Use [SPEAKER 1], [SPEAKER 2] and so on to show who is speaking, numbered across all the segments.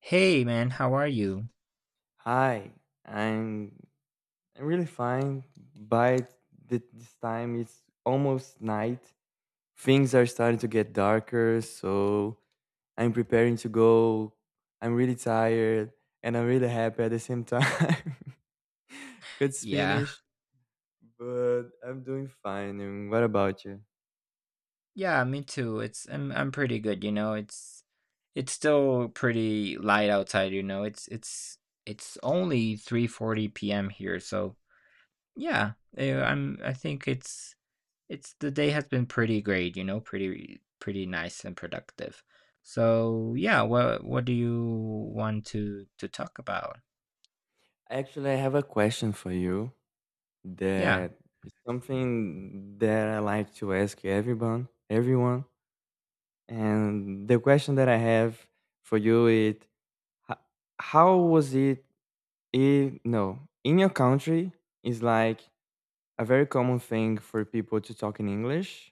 [SPEAKER 1] Hey man, how are you?
[SPEAKER 2] Hi, I'm I'm really fine. By this time, it's almost night. Things are starting to get darker, so I'm preparing to go. I'm really tired, and I'm really happy at the same time. It's
[SPEAKER 1] Yeah.
[SPEAKER 2] finished, but I'm doing fine. And what about you?
[SPEAKER 1] Yeah, me too. It's I'm pretty good, you know. It's still pretty light outside, you know. It's only 3:40 p.m. here, so yeah. I think it's the day has been pretty great, you know, pretty nice and productive. So, yeah, what do you want to talk about?
[SPEAKER 2] Actually, I have a question for you
[SPEAKER 1] Yeah.
[SPEAKER 2] that is something that I like to ask everyone. Everyone. And the question that I have for you is h- how was it in no, in your country is like a very common thing for people to talk in English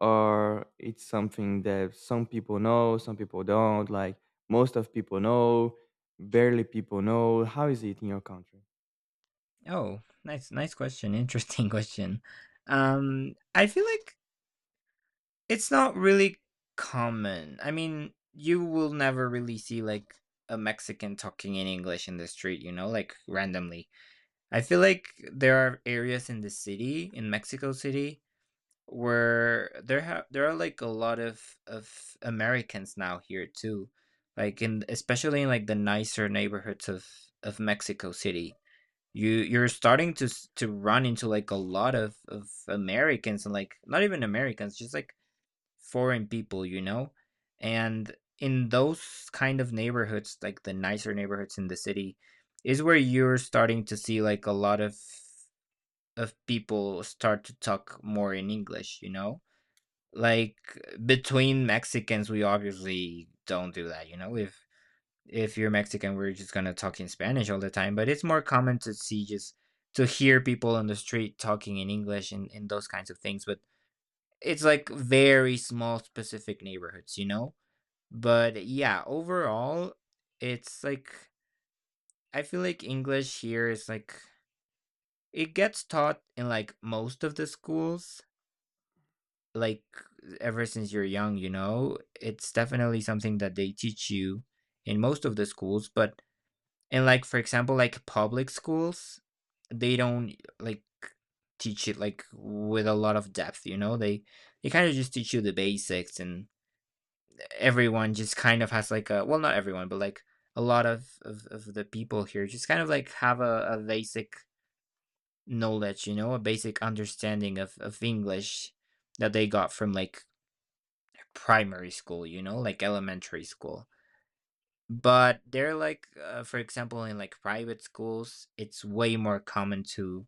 [SPEAKER 2] or it's something that some people know, some people don't, like most of people know, barely people know. How is it in your country?
[SPEAKER 1] Oh, nice question. Interesting question. I feel like it's not really common. I mean, you will never really see, like, a Mexican talking in English in the street, you know, like, randomly. I feel like there are areas in the city, in Mexico City, where there are, like, a lot of Americans now here too. Like, in especially in, like, the nicer neighborhoods of Mexico City. You're starting to to run into, like, a lot of Americans and, like, not even Americans, just, like, foreign people, you know? And in those kind of neighborhoods, like the nicer neighborhoods in the city, is where you're starting to see like a lot of people start to talk more in English, you know? Like between Mexicans, we obviously don't do that, you know? If you're Mexican, we're just gonna talk in Spanish all the time. But it's more common to see just to hear people on the street talking in English and those kinds of things. But it's like very small specific neighborhoods, you know, but yeah, overall, it's like I feel like English here is like it gets taught in like most of the schools, like ever since you're young, you know? It's definitely something that they teach you in most of the schools, but in like for example, like public schools, they don't like teach it like with a lot of depth, you know? They kind of just teach you the basics and everyone just kind of has like a, well, not everyone, but like a lot of the people here just kind of like have a basic knowledge, you know, a basic understanding of English that they got from like primary school, you know, like elementary school, but they're like for example in like private schools it's way more common to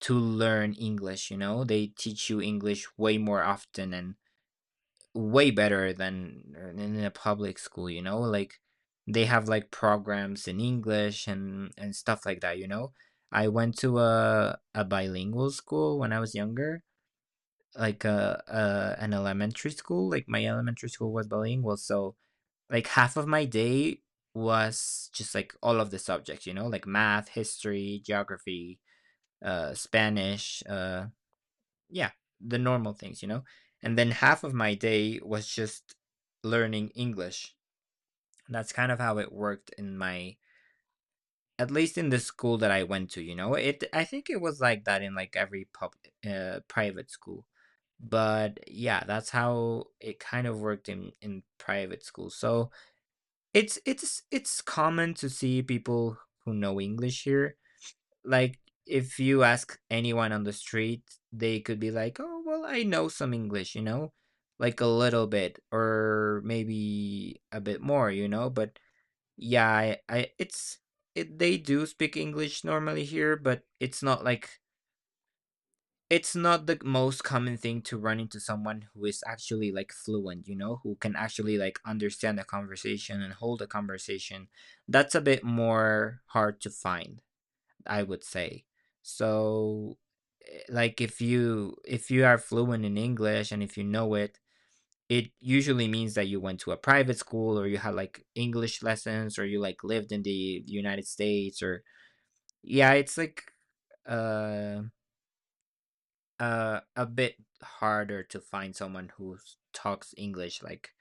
[SPEAKER 1] to learn English, you know, they teach you English way more often and way better than in a public school, you know? Like they have like programs in English and stuff like that, you know? I went to a bilingual school when I was younger, like a, an elementary school. Like my elementary school was bilingual, so like half of my day was just like all of the subjects, you know, like math, history, geography, Spanish, yeah, the normal things, you know? And then half of my day was just learning English. That's kind of how it worked in my, at least in the school that I went to, you know? It I think it was like that in like every pub private school. But yeah, that's how it kind of worked in private school. So, it's common to see people who know English here, like if you ask anyone on the street, they could be like, "Oh, well, I know some English," you know, like a little bit or maybe a bit more, you know. But yeah, I it's they do speak English normally here, but it's not like it's not the most common thing to run into someone who is actually like fluent, you know, who can actually like understand a conversation and hold a conversation. That's a bit more hard to find. I would say. So, like if you are fluent in English and if you know it, it usually means that you went to a private school or you had like English lessons or you like lived in the United States or yeah, it's like uh a bit harder to find someone who talks English like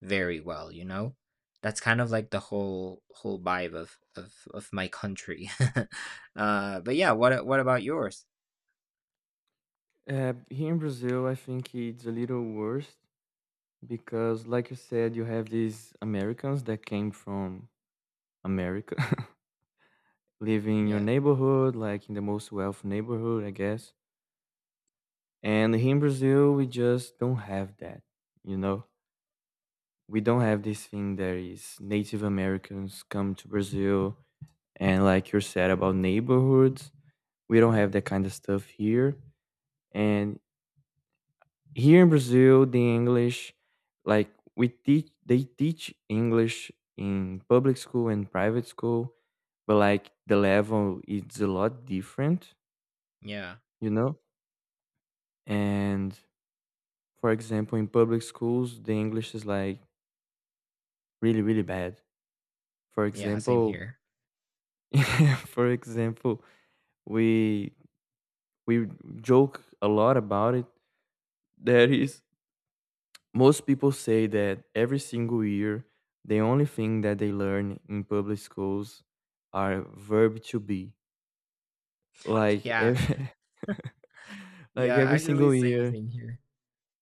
[SPEAKER 1] very well, you know? That's kind of like the whole vibe of my country. But yeah, what about yours?
[SPEAKER 2] Here in Brazil, I think it's a little worse because, like you said, you have these Americans that came from America live in your
[SPEAKER 1] Yeah.
[SPEAKER 2] neighborhood, like in the most wealthy neighborhood, I guess. And here in Brazil, we just don't have that, you know? We don't have this thing that is Native Americans come to Brazil and, like you said about neighborhoods, we don't have that kind of stuff here. And here in Brazil, the English, like we teach, they teach English in public school and private school, but like the level is a lot different,
[SPEAKER 1] Yeah.
[SPEAKER 2] you know? And for example, in public schools, the English is like really, really bad. For
[SPEAKER 1] Yeah, same
[SPEAKER 2] example,
[SPEAKER 1] here.
[SPEAKER 2] yeah, for example, we we joke a lot about it. That is, most people say that every single year, the only thing that they learn in public schools are verb to be. Like
[SPEAKER 1] Yeah.
[SPEAKER 2] every, like
[SPEAKER 1] Yeah,
[SPEAKER 2] every
[SPEAKER 1] actually
[SPEAKER 2] single
[SPEAKER 1] same
[SPEAKER 2] year,
[SPEAKER 1] thing here.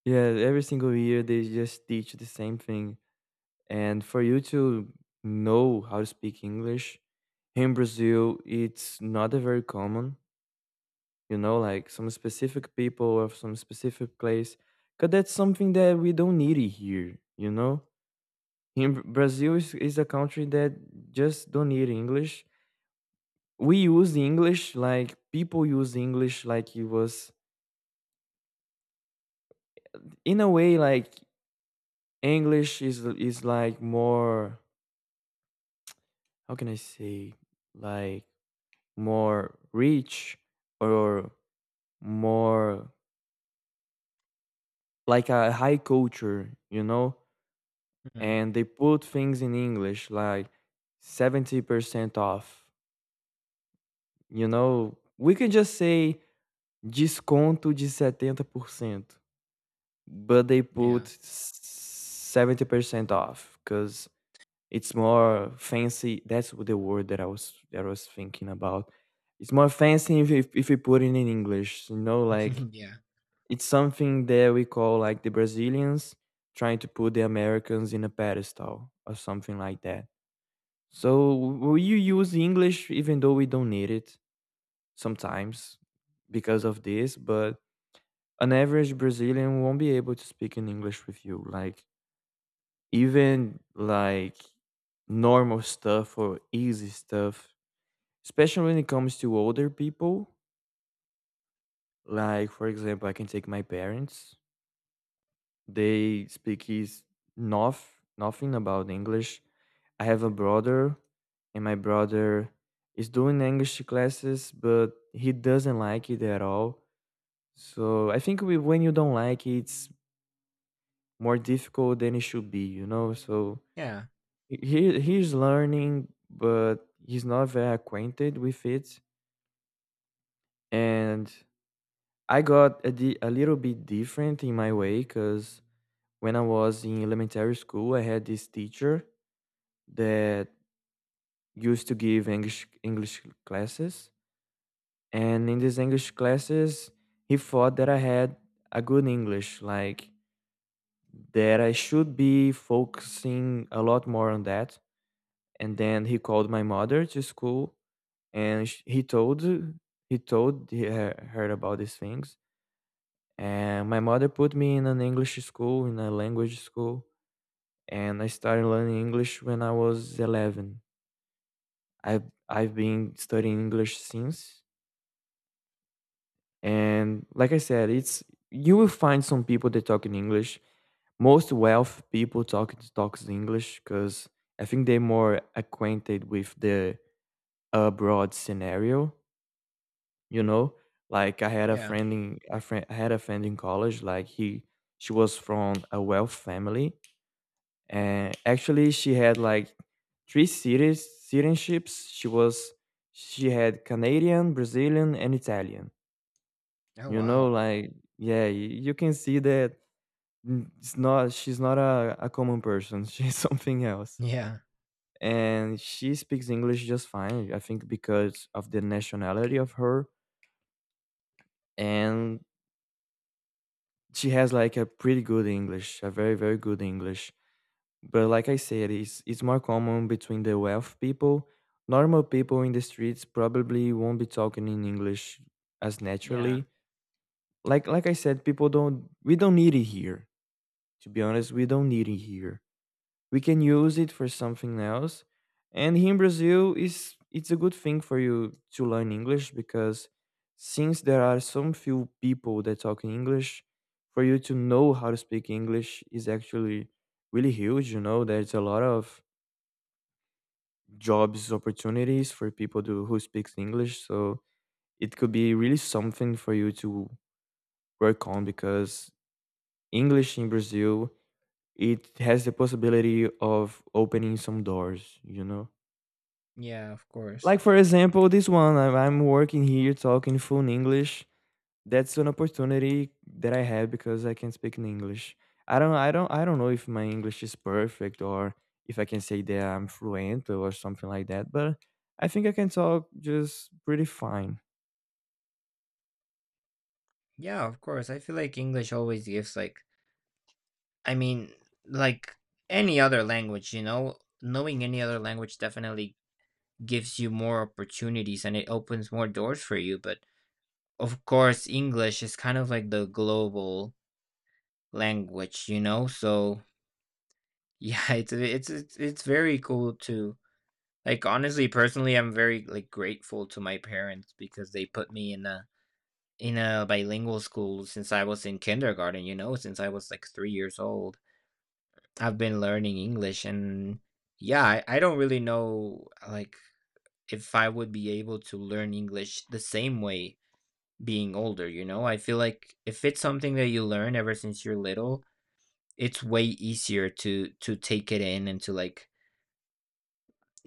[SPEAKER 2] yeah, every single year they just teach the same thing. And for you to know how to speak English in Brazil, it's not a very common, you know, like some specific people or some specific place. Because that's something that we don't need it here, you know? In Brazil is a country that just don't need English. We use English like people use English like it was in a way like English is like more how can I say like more rich or more like a high culture, you know?
[SPEAKER 1] Mhm.
[SPEAKER 2] And they put things in English like 70% off, you know? We can just say desconto de setenta por cento, but they
[SPEAKER 1] Yeah.
[SPEAKER 2] put 70% off because it's more fancy. That's the word that I was thinking about. It's more fancy if if you put it in English, you know, like
[SPEAKER 1] Yeah.
[SPEAKER 2] it's something that we call like the Brazilians trying to put the Americans in a pedestal or something like that. So we use English even though we don't need it sometimes because of this, but an average Brazilian won't be able to speak in English with you. Like even like normal stuff or easy stuff, especially when it comes to older people. Like for example, I can take my parents. They speak is nothing about English. I have a brother, and my brother is doing English classes, but he doesn't like it at all. So I think we, when you don't like it, it's more difficult than it should be, you know. So
[SPEAKER 1] Yeah.
[SPEAKER 2] he he's learning, but he's not very acquainted with it. And I got a little bit different in my way because when I was in elementary school, I had this teacher that used to give English classes, and in these English classes, he thought that I had a good English, like that I should be focusing a lot more on that. And then he called my mother to school, and he told her about these things. And my mother put me in an English school, in a language school, and I started learning English when I was 11. I've been studying English since, and like I said, it's you will find some people that talk in English. Most wealth people talks English because I think they're more acquainted with the abroad scenario. You know, like
[SPEAKER 1] Yeah.
[SPEAKER 2] I had a friend in college. Like she was from a wealth family, and actually she had like three cities citizenships. She had Canadian, Brazilian, and Italian,
[SPEAKER 1] Oh,
[SPEAKER 2] you know,
[SPEAKER 1] wow.
[SPEAKER 2] like, yeah, you can see that n- it's not she's not a common person. She's something else.
[SPEAKER 1] Yeah.
[SPEAKER 2] And she speaks English just fine, I think because of the nationality of her. And she has like a pretty good English, a very, very good English. But like I said, it's more common between the wealth people. Normal people in the streets probably won't be talking in English as
[SPEAKER 1] Yeah.
[SPEAKER 2] naturally. Like I said, people don't we don't need it here. To be honest, we don't need it here. We can use it for something else. And here in Brazil is it's a good thing for you to learn English because since there are some few people that talk English, for you to know how to speak English is actually really huge, you know, there's a lot of jobs opportunities for who speaks English, so it could be really something for you to work on because English in Brazil it has the possibility of opening some doors, you know?
[SPEAKER 1] Yeah, of course.
[SPEAKER 2] Like, for example, this one, I'm working here talking full English. That's an opportunity that I have because I can speak in English. I don't know if my English is perfect or if I can say that I'm fluent or something like that, but I think I can talk just pretty fine.
[SPEAKER 1] Yeah, of course. I feel like English always gives like I mean, like any other language, you know, knowing any other language definitely gives you more opportunities and it opens more doors for you, but of course English is kind of like the global language, you know? So yeah, it's very cool too. Like honestly, personally, I'm very like grateful to my parents because they put me in a bilingual school since I was in kindergarten, you know, since I was like 3 years old. I've been learning English and yeah, I don't really know like if I would be able to learn English the same way being older, you know? I feel like if it's something that you learn ever since you're little, it's way easier to take it in and to like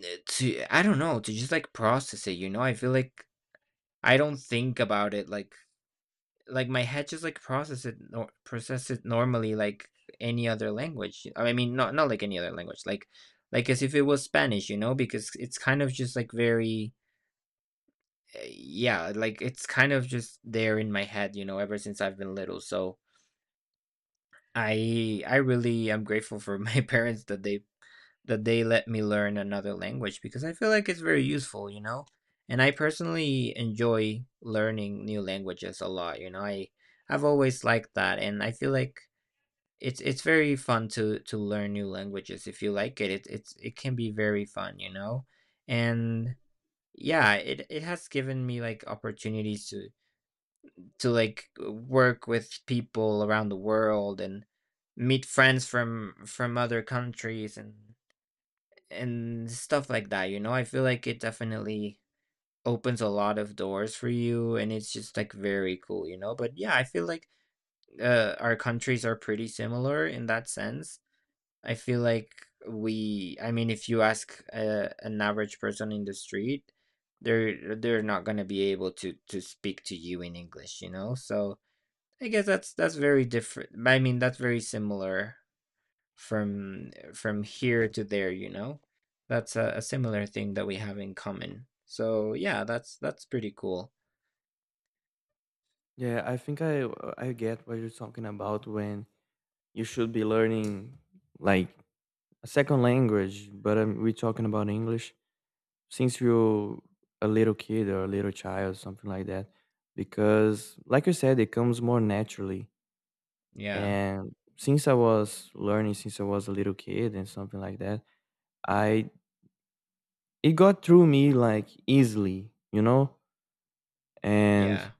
[SPEAKER 1] Eh, to I don't know, to just, like, process it, you know? I feel like I don't think about it, like, my head just, like, process it nor process it normally like any other language. I mean, not not like any other language, like, as if it was Spanish, you know? Because it's kind of just, like, very yeah, like, it's kind of just there in my head, you know, ever since I've been little, so I really am grateful for my parents that they let me learn another language because I feel like it's very useful, you know? And I personally enjoy learning new languages a lot, you know. I've always liked that and I feel like it's very fun to learn new languages if you like it. It can be very fun, you know? And yeah, it has given me like opportunities to like work with people around the world and meet friends from other countries and stuff like that, you know? I feel like it definitely opens a lot of doors for you and it's just like very cool, you know? But yeah, I feel like our countries are pretty similar in that sense. I feel like I mean, if you ask an average person in the street, they're not going to be able to speak to you in English, you know? So I guess that's very different. I mean, that's very similar from here to there, you know? That's a similar thing that we have in common. So yeah, that's pretty cool.
[SPEAKER 2] Yeah, I think I get what you're talking about when you should be learning like a second language, but we're talking about English since you're a little kid or a little child, something like that. Because, like you said, it comes more naturally.
[SPEAKER 1] Yeah.
[SPEAKER 2] And since I was learning, since I was a little kid and something like that, I it got through me like easily, you know. And
[SPEAKER 1] Yeah.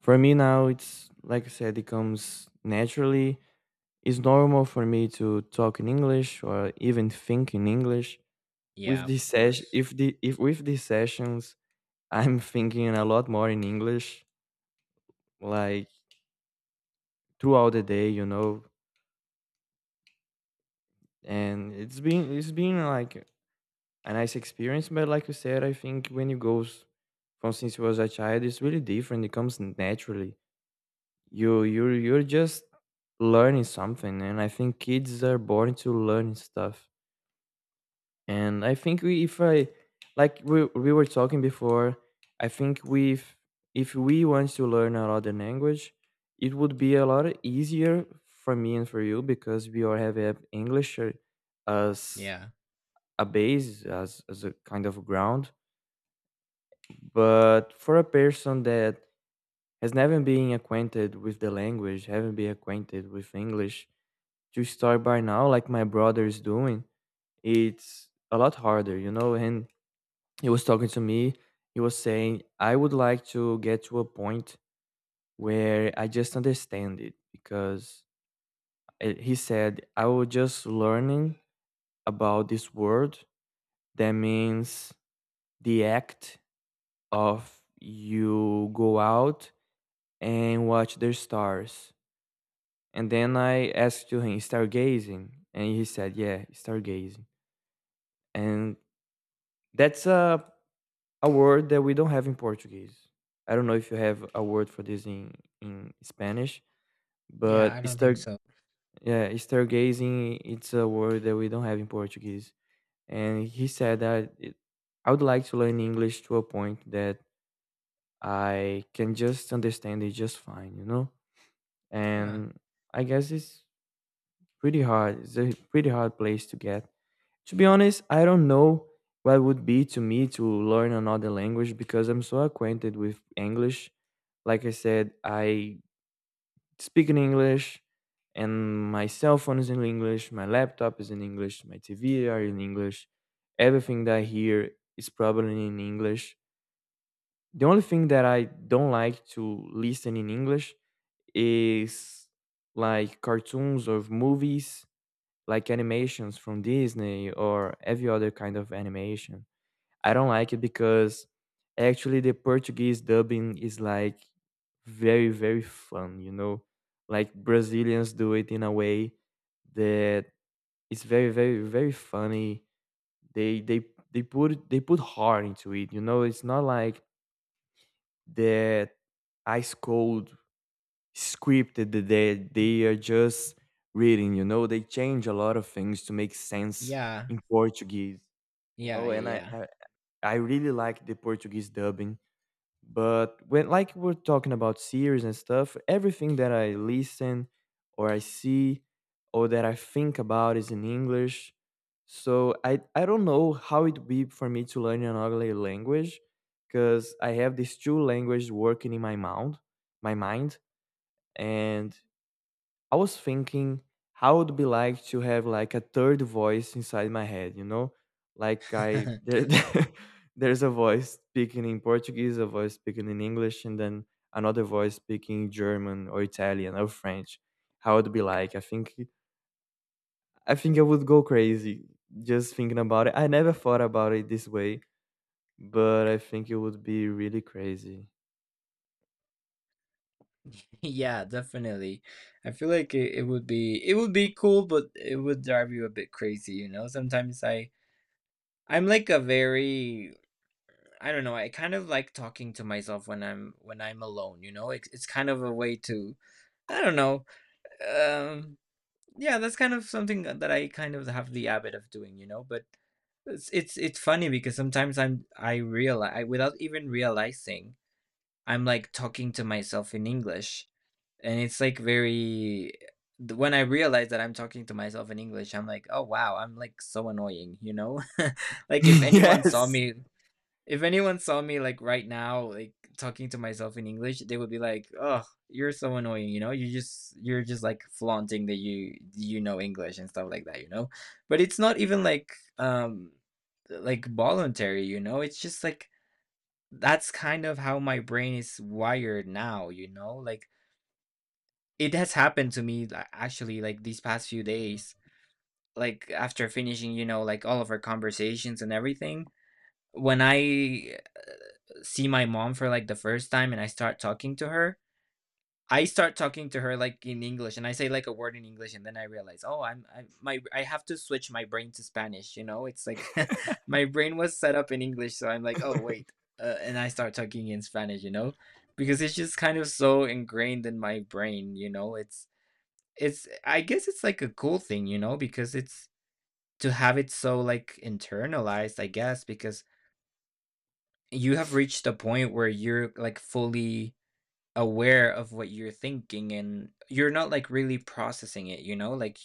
[SPEAKER 2] for me now, it's like I said, it comes naturally. It's normal for me to talk in English or even think in English.
[SPEAKER 1] Yeah,
[SPEAKER 2] With
[SPEAKER 1] of
[SPEAKER 2] this session,
[SPEAKER 1] course.
[SPEAKER 2] if the if with these sessions, I'm thinking a lot more in English like throughout the day, you know. And it's been like a nice experience, but like you said, I think when you goes from since you was a child, it's really different. It comes naturally. You're just learning something, and I think kids are born to learn stuff. And I think we, if I like we were talking before, I think we if we want to learn another language, it would be a lot easier for me and for you because we all have English as
[SPEAKER 1] Yeah.
[SPEAKER 2] a base as a kind of ground. But for a person that has never been acquainted with the language, haven't been acquainted with English, to start by now, like my brother is doing, it's a lot harder, you know, and he was talking to me he was saying I would like to get to a point where I just understand it because he said I was just learning about this word that means the act of you go out and watch the stars, and then I asked to him stargazing, and he said yeah stargazing. And that's a word that we don't have in Portuguese. I don't know if you have a word for this in Spanish,
[SPEAKER 1] Yeah,
[SPEAKER 2] but
[SPEAKER 1] I don't
[SPEAKER 2] star
[SPEAKER 1] think so.
[SPEAKER 2] yeah, stargazing it's a word that we don't have in Portuguese. And he said that it, I would like to learn English to a point that I can just understand it just fine, you know?
[SPEAKER 1] Yeah.
[SPEAKER 2] And I guess it's pretty hard. It's a pretty hard place to get. To be honest, I don't know what it would be to me to learn another language because I'm so acquainted with English. Like I said, I speak in English and my cell phone is in English, my laptop is in English, my TV are in English. Everything that I hear is probably in English. The only thing that I don't like to listen in English is like cartoons or movies like animations from Disney or every other kind of animation. I don't like it because actually the Portuguese dubbing is like very very fun, you know. Like Brazilians do it in a way that it's very very very funny. They they they put heart into it, you know. It's not like that ice cold scripted that they are just reading, you know. They change a lot of things to make sense
[SPEAKER 1] Yeah.
[SPEAKER 2] in Portuguese, you
[SPEAKER 1] Yeah,
[SPEAKER 2] know. And
[SPEAKER 1] yeah,
[SPEAKER 2] I really like the Portuguese dubbing. But when, like, we're talking about series and stuff, everything that I listen or I see or that I think about is in English. So I don't know how it would be for me to learn another language, because I have these two languages working in my mouth, my mind, and I was thinking how would be like to have like a third voice inside my head, you know? Like I
[SPEAKER 1] yeah.
[SPEAKER 2] there, there's a voice speaking in Portuguese, a voice speaking in English, and then another voice speaking German or Italian or French. How would be like? I think I would go crazy just thinking about it. I never thought about it this way, but I think it would be really crazy.
[SPEAKER 1] Yeah, definitely. I feel like it would be cool, but it would drive you a bit crazy, you know? Sometimes I'm like a very I don't know. I kind of like talking to myself when I'm alone, you know? It's kind of a way to I don't know. Um yeah, that's kind of something that I kind of have the habit of doing, you know, but it's funny because sometimes I realize without even realizing I'm like talking to myself in English and it's like very when I realize that I'm talking to myself in English I'm like, oh wow, I'm like so annoying, you know, like if anyone saw
[SPEAKER 2] Yes.
[SPEAKER 1] me, if anyone saw me, like, right now, like, talking to myself in English, they would be like, "Oh, you're so annoying, you know? You're just like flaunting that you know English and stuff like that, you know?" But it's not even um like voluntary, you know? It's just like that's kind of how my brain is wired now, you know? Like it has happened to me like, actually like these past few days, like after finishing, you know, like all of our conversations and everything when I see my mom for like the first time and I start talking to her, I start talking to her like in English and I say like a word in English and then I realize, oh, I have to switch my brain to Spanish, you know? It's like my brain was set up in English, so I'm like, oh, wait. And I start talking in Spanish, you know? Because it's just kind of so ingrained in my brain, you know? It's I guess it's like a cool thing, you know, because it's to have it so like internalized, I guess, because you have reached a point where you're like fully aware of what you're thinking and you're not, like, really processing it, you know? Like,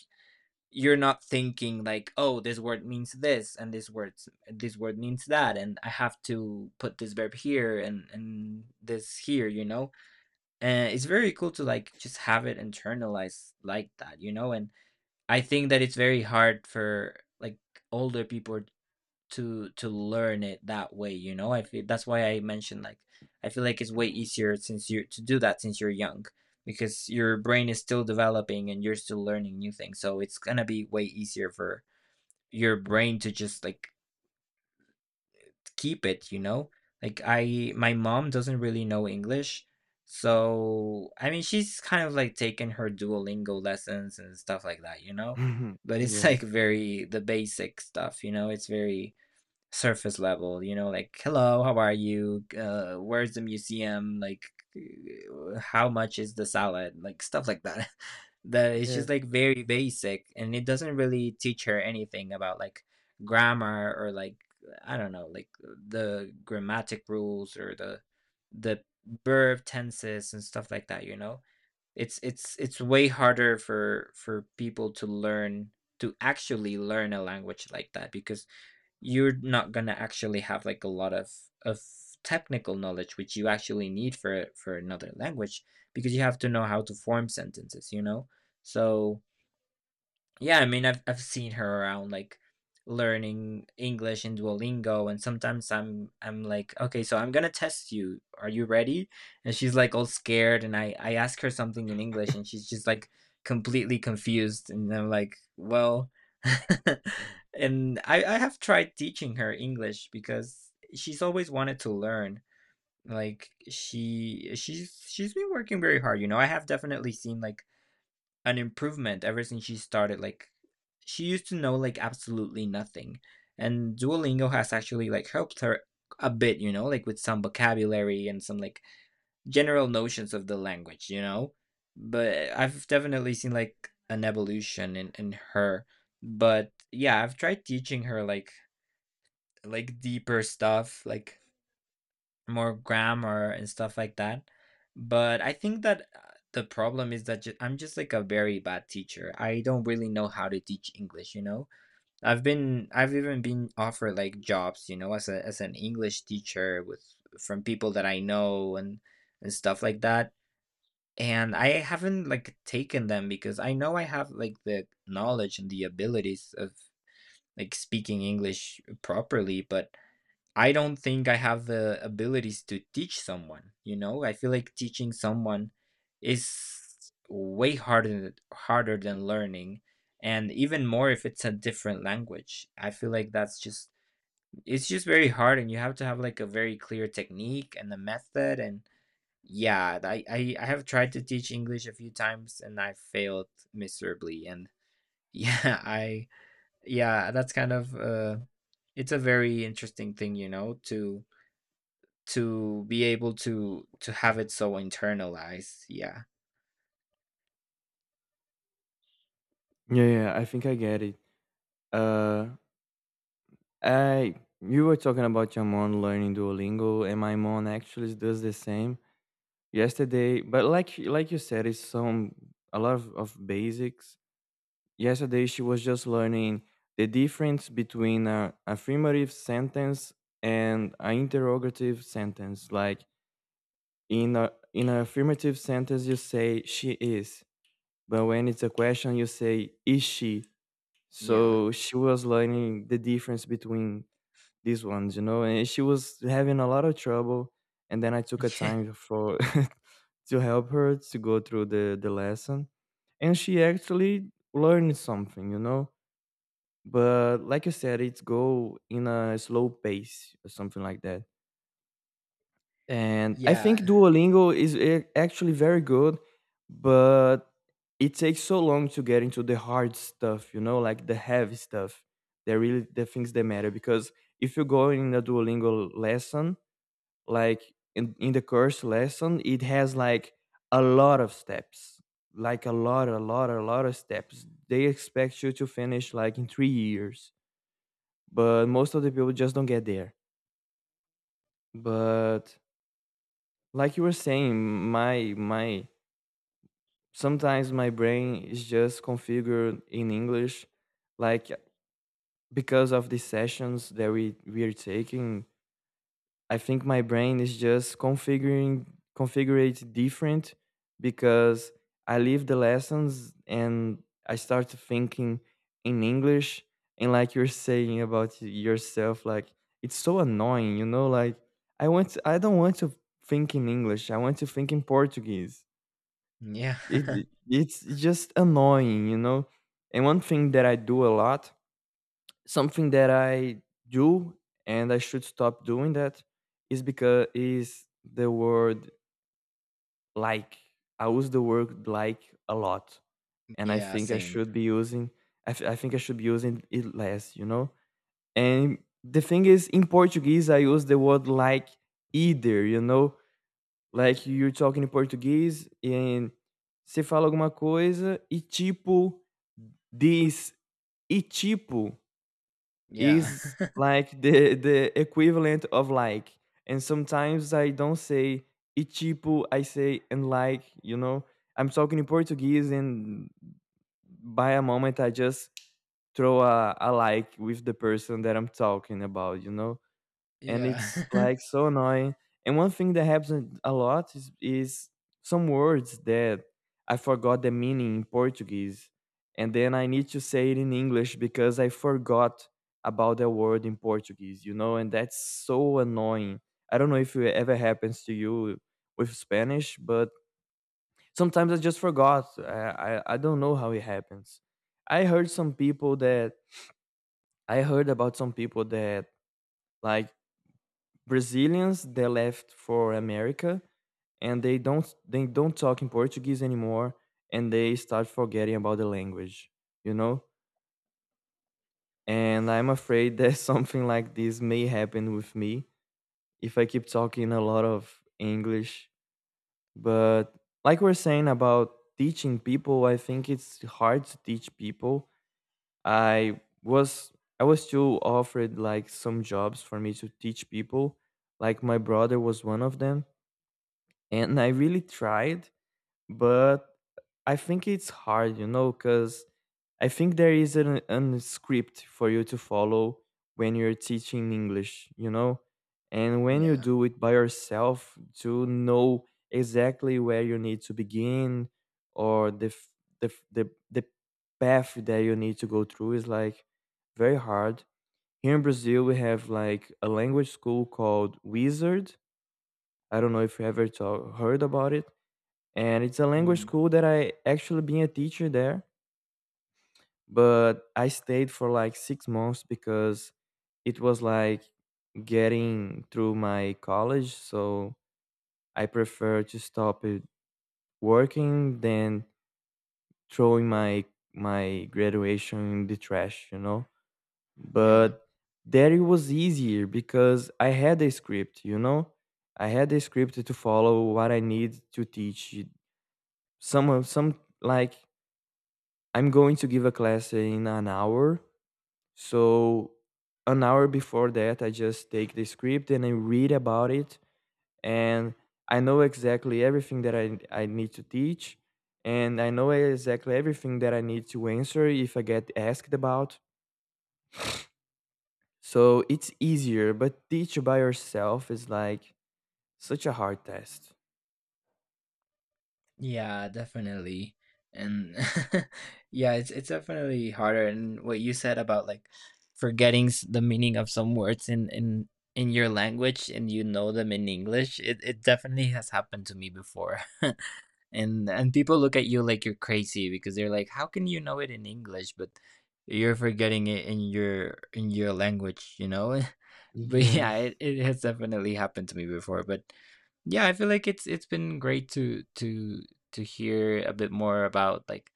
[SPEAKER 1] you're not thinking like, "Oh, this word means this, and this word means that, and I have to put this verb here and this here," you know? And it's very cool to, like, just have it internalized like that, you know? And I think that it's very hard for, like, older people to learn it that way, you know? I feel that's why I mentioned like I feel like it's way easier since you're to do that since you're young because your brain is still developing and you're still learning new things. So it's gonna be way easier for your brain to just like keep it, you know? Like I my mom doesn't really know English. So I mean she's kind of like taking her Duolingo lessons and stuff like that, you know? But it's like
[SPEAKER 2] Yes.
[SPEAKER 1] very the basic stuff, you know? It's very surface level, you know, like hello, how are you, where's the museum, like how much is the salad, like stuff like that that it's just
[SPEAKER 2] Yes.
[SPEAKER 1] like very basic and it doesn't really teach her anything about like grammar or like I don't know, like the grammatic rules or the verb tenses and stuff like that, you know, it's way harder for people to learn, to actually learn a language like that because you're not gonna actually have like a lot of of technical knowledge which you actually need for another language because you have to know how to form sentences, you know. So yeah, I mean, I've seen her around like learning English in Duolingo, and sometimes I'm like, okay, so I'm gonna test you. Are you ready? And she's like all scared, and I ask her something in English, and she's just like completely confused, and I'm like, well, and I have tried teaching her English because she's always wanted to learn. Like she's been working very hard, you know. I have definitely seen like an improvement ever since she started like she used to know like absolutely nothing and Duolingo has actually like helped her a bit, you know, like with some vocabulary and some like general notions of the language, you know, but I've definitely seen like an evolution in her. But yeah, I've tried teaching her like deeper stuff, like more grammar and stuff like that. But I think that the problem is that I'm just like a very bad teacher. I don't really know how to teach English, you know? I've even been offered like jobs, you know, as a as an English teacher with from people that I know and stuff like that. And I haven't like taken them because I know I have like the knowledge and the abilities of like speaking English properly, but I don't think I have the abilities to teach someone, you know? I feel like teaching someone is way harder than learning, and even more if it's a different language. I feel like that's just it's just very hard and you have to have like a very clear technique and a method. And yeah, I have tried to teach English a few times and I failed miserably. And yeah, I yeah, that's kind of it's a very interesting thing, you know, to be able to have it so internalized. Yeah.
[SPEAKER 2] Yeah, yeah, I think I get it. Uh Uh, you were talking about your mom learning Duolingo, and my mom actually does the same. Yesterday, but like you said, it's some a lot of basics. Yesterday, she was just learning the difference between a affirmative sentence and an interrogative sentence. Like in a in an affirmative sentence, you say she is, but when it's a question, you say is she.
[SPEAKER 1] Yeah.
[SPEAKER 2] So she was learning the difference between these ones, you know, and she was having a lot of trouble. And then I took a time for to help her to go through the lesson, and she actually learned something, you know. But like you said, it's go in a slow pace or something like that. And I think
[SPEAKER 1] Yeah.
[SPEAKER 2] Duolingo is a- actually very good, but it takes so long to get into the hard stuff, you know, like the heavy stuff. They're really the things that matter, because if you go in a Duolingo lesson, like in the course lesson, it has like a lot of steps, like a lot, a lot, a lot of steps. They expect you to finish like in 3 years, but most of the people just don't get there. But like you were saying, my sometimes my brain is just configured in English. Like because of the sessions that we are taking, I think my brain is just configuring configured different, because I leave the lessons and I start thinking in English. And like you're saying about yourself, like it's so annoying, you know, like I don't want to think in English. I want to think in Portuguese.
[SPEAKER 1] Yeah.
[SPEAKER 2] It it's just annoying, you know. And one thing that I do a lot, something that I do and I should stop doing that, is because is the word like. I use the word like a lot, and I
[SPEAKER 1] Yeah,
[SPEAKER 2] think I
[SPEAKER 1] same.
[SPEAKER 2] should be using. I think I should be using it less, you know. And the thing is, in Portuguese, I use the word like either, you know. Like you're talking in Portuguese and você fala alguma coisa e tipo. This ichipo
[SPEAKER 1] Yeah.
[SPEAKER 2] is like the equivalent of like, and sometimes I don't say ichipo, I say and like, you know. I'm talking in Portuguese and by a moment I just throw a like with the person that I'm talking about, you know. And it's
[SPEAKER 1] Yeah.
[SPEAKER 2] like so annoying. And one thing that happens a lot is some words that I forgot the meaning in Portuguese, and then I need to say it in English because I forgot about the word in Portuguese, you know, and that's so annoying. I don't know if it ever happens to you with Spanish, but sometimes I just forgot. I don't know how it happens. I heard some people that I heard about some people that, like, Brazilians that left for America and they don't talk in Portuguese anymore, and they start forgetting about the language, you know? And I'm afraid that something like this may happen with me if I keep talking a lot of English. But like we're saying about teaching people, I think it's hard to teach people. I was I was still offered like some jobs for me to teach people. Like my brother was one of them, and I really tried, but I think it's hard, you know, because I think there is an script for you to follow when you're teaching English, you know. And when you
[SPEAKER 1] Yeah.
[SPEAKER 2] do it by yourself, to know exactly where you need to begin or the f- the f- the path that you need to go through, is like very hard. Here in Brazil, we have like a language school called Wizard. I don't know if you ever to- heard about it, and it's a language
[SPEAKER 1] Mm,
[SPEAKER 2] school that I actually been a teacher there, but I stayed for like 6 months because it was like getting through my college, so I prefer to stop it working than throwing my my graduation in the trash, you know.
[SPEAKER 1] yeah.
[SPEAKER 2] But there it was easier because I had a script, you know. I had a script to follow what I need to teach. Some of some like I'm going to give a class in an hour. So, an hour before that, I just take the script and I read about it. And I know exactly everything that I need to teach. And I know exactly everything that I need to answer if I get asked about. So, it's easier, but teach by yourself is like such a hard test.
[SPEAKER 1] Yeah, definitely. And yeah, it's definitely harder. And what you said about like forgetting the meaning of some words in in your language and you know them in English, it definitely has happened to me before. And people look at you like you're crazy because they're like, how can you know it in English but you're forgetting it in your language, you know? But yeah, it,
[SPEAKER 2] Yes.
[SPEAKER 1] it has definitely happened to me before. But yeah, I feel like it's been great to to hear a bit more about like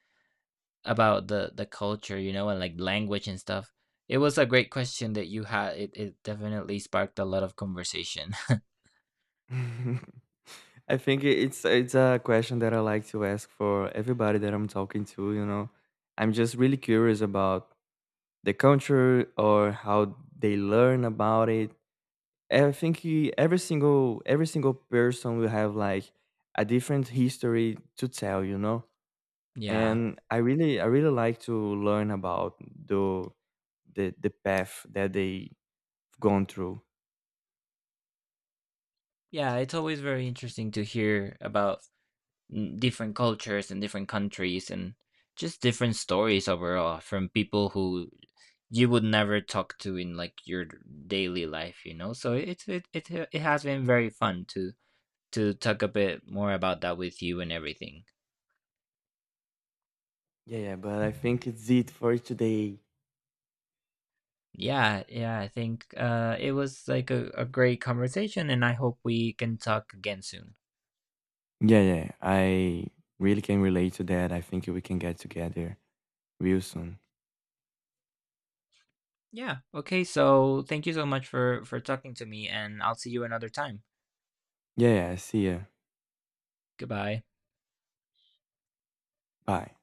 [SPEAKER 1] about the culture, you know, and like language and stuff. It was a great question that you had. It definitely sparked a lot of conversation.
[SPEAKER 2] I think I- it's a question that I like to ask for everybody that I'm talking to, you know. I'm just really curious about the culture or how they learn about it. I think e- every single person will have like a different history to tell, you know.
[SPEAKER 1] Yeah.
[SPEAKER 2] And I really like to learn about the the path that they gone through.
[SPEAKER 1] Yeah, it's always very interesting to hear about, mm, different cultures and different countries and just different stories overall from people who you would never talk to in like your daily life, you know? So it's it has been very fun to talk a bit more about that with you and everything.
[SPEAKER 2] Yeah, yeah, but I think it's it for today.
[SPEAKER 1] Yeah, yeah, I think it was like a great conversation, and I hope we can talk again soon.
[SPEAKER 2] Yeah, yeah. I really can relate to that. I think we can get together real soon.
[SPEAKER 1] Yeah, okay, so thank you so much for talking to me, and I'll see you another time.
[SPEAKER 2] Yeah, yeah. See ya.
[SPEAKER 1] Goodbye.
[SPEAKER 2] Bye.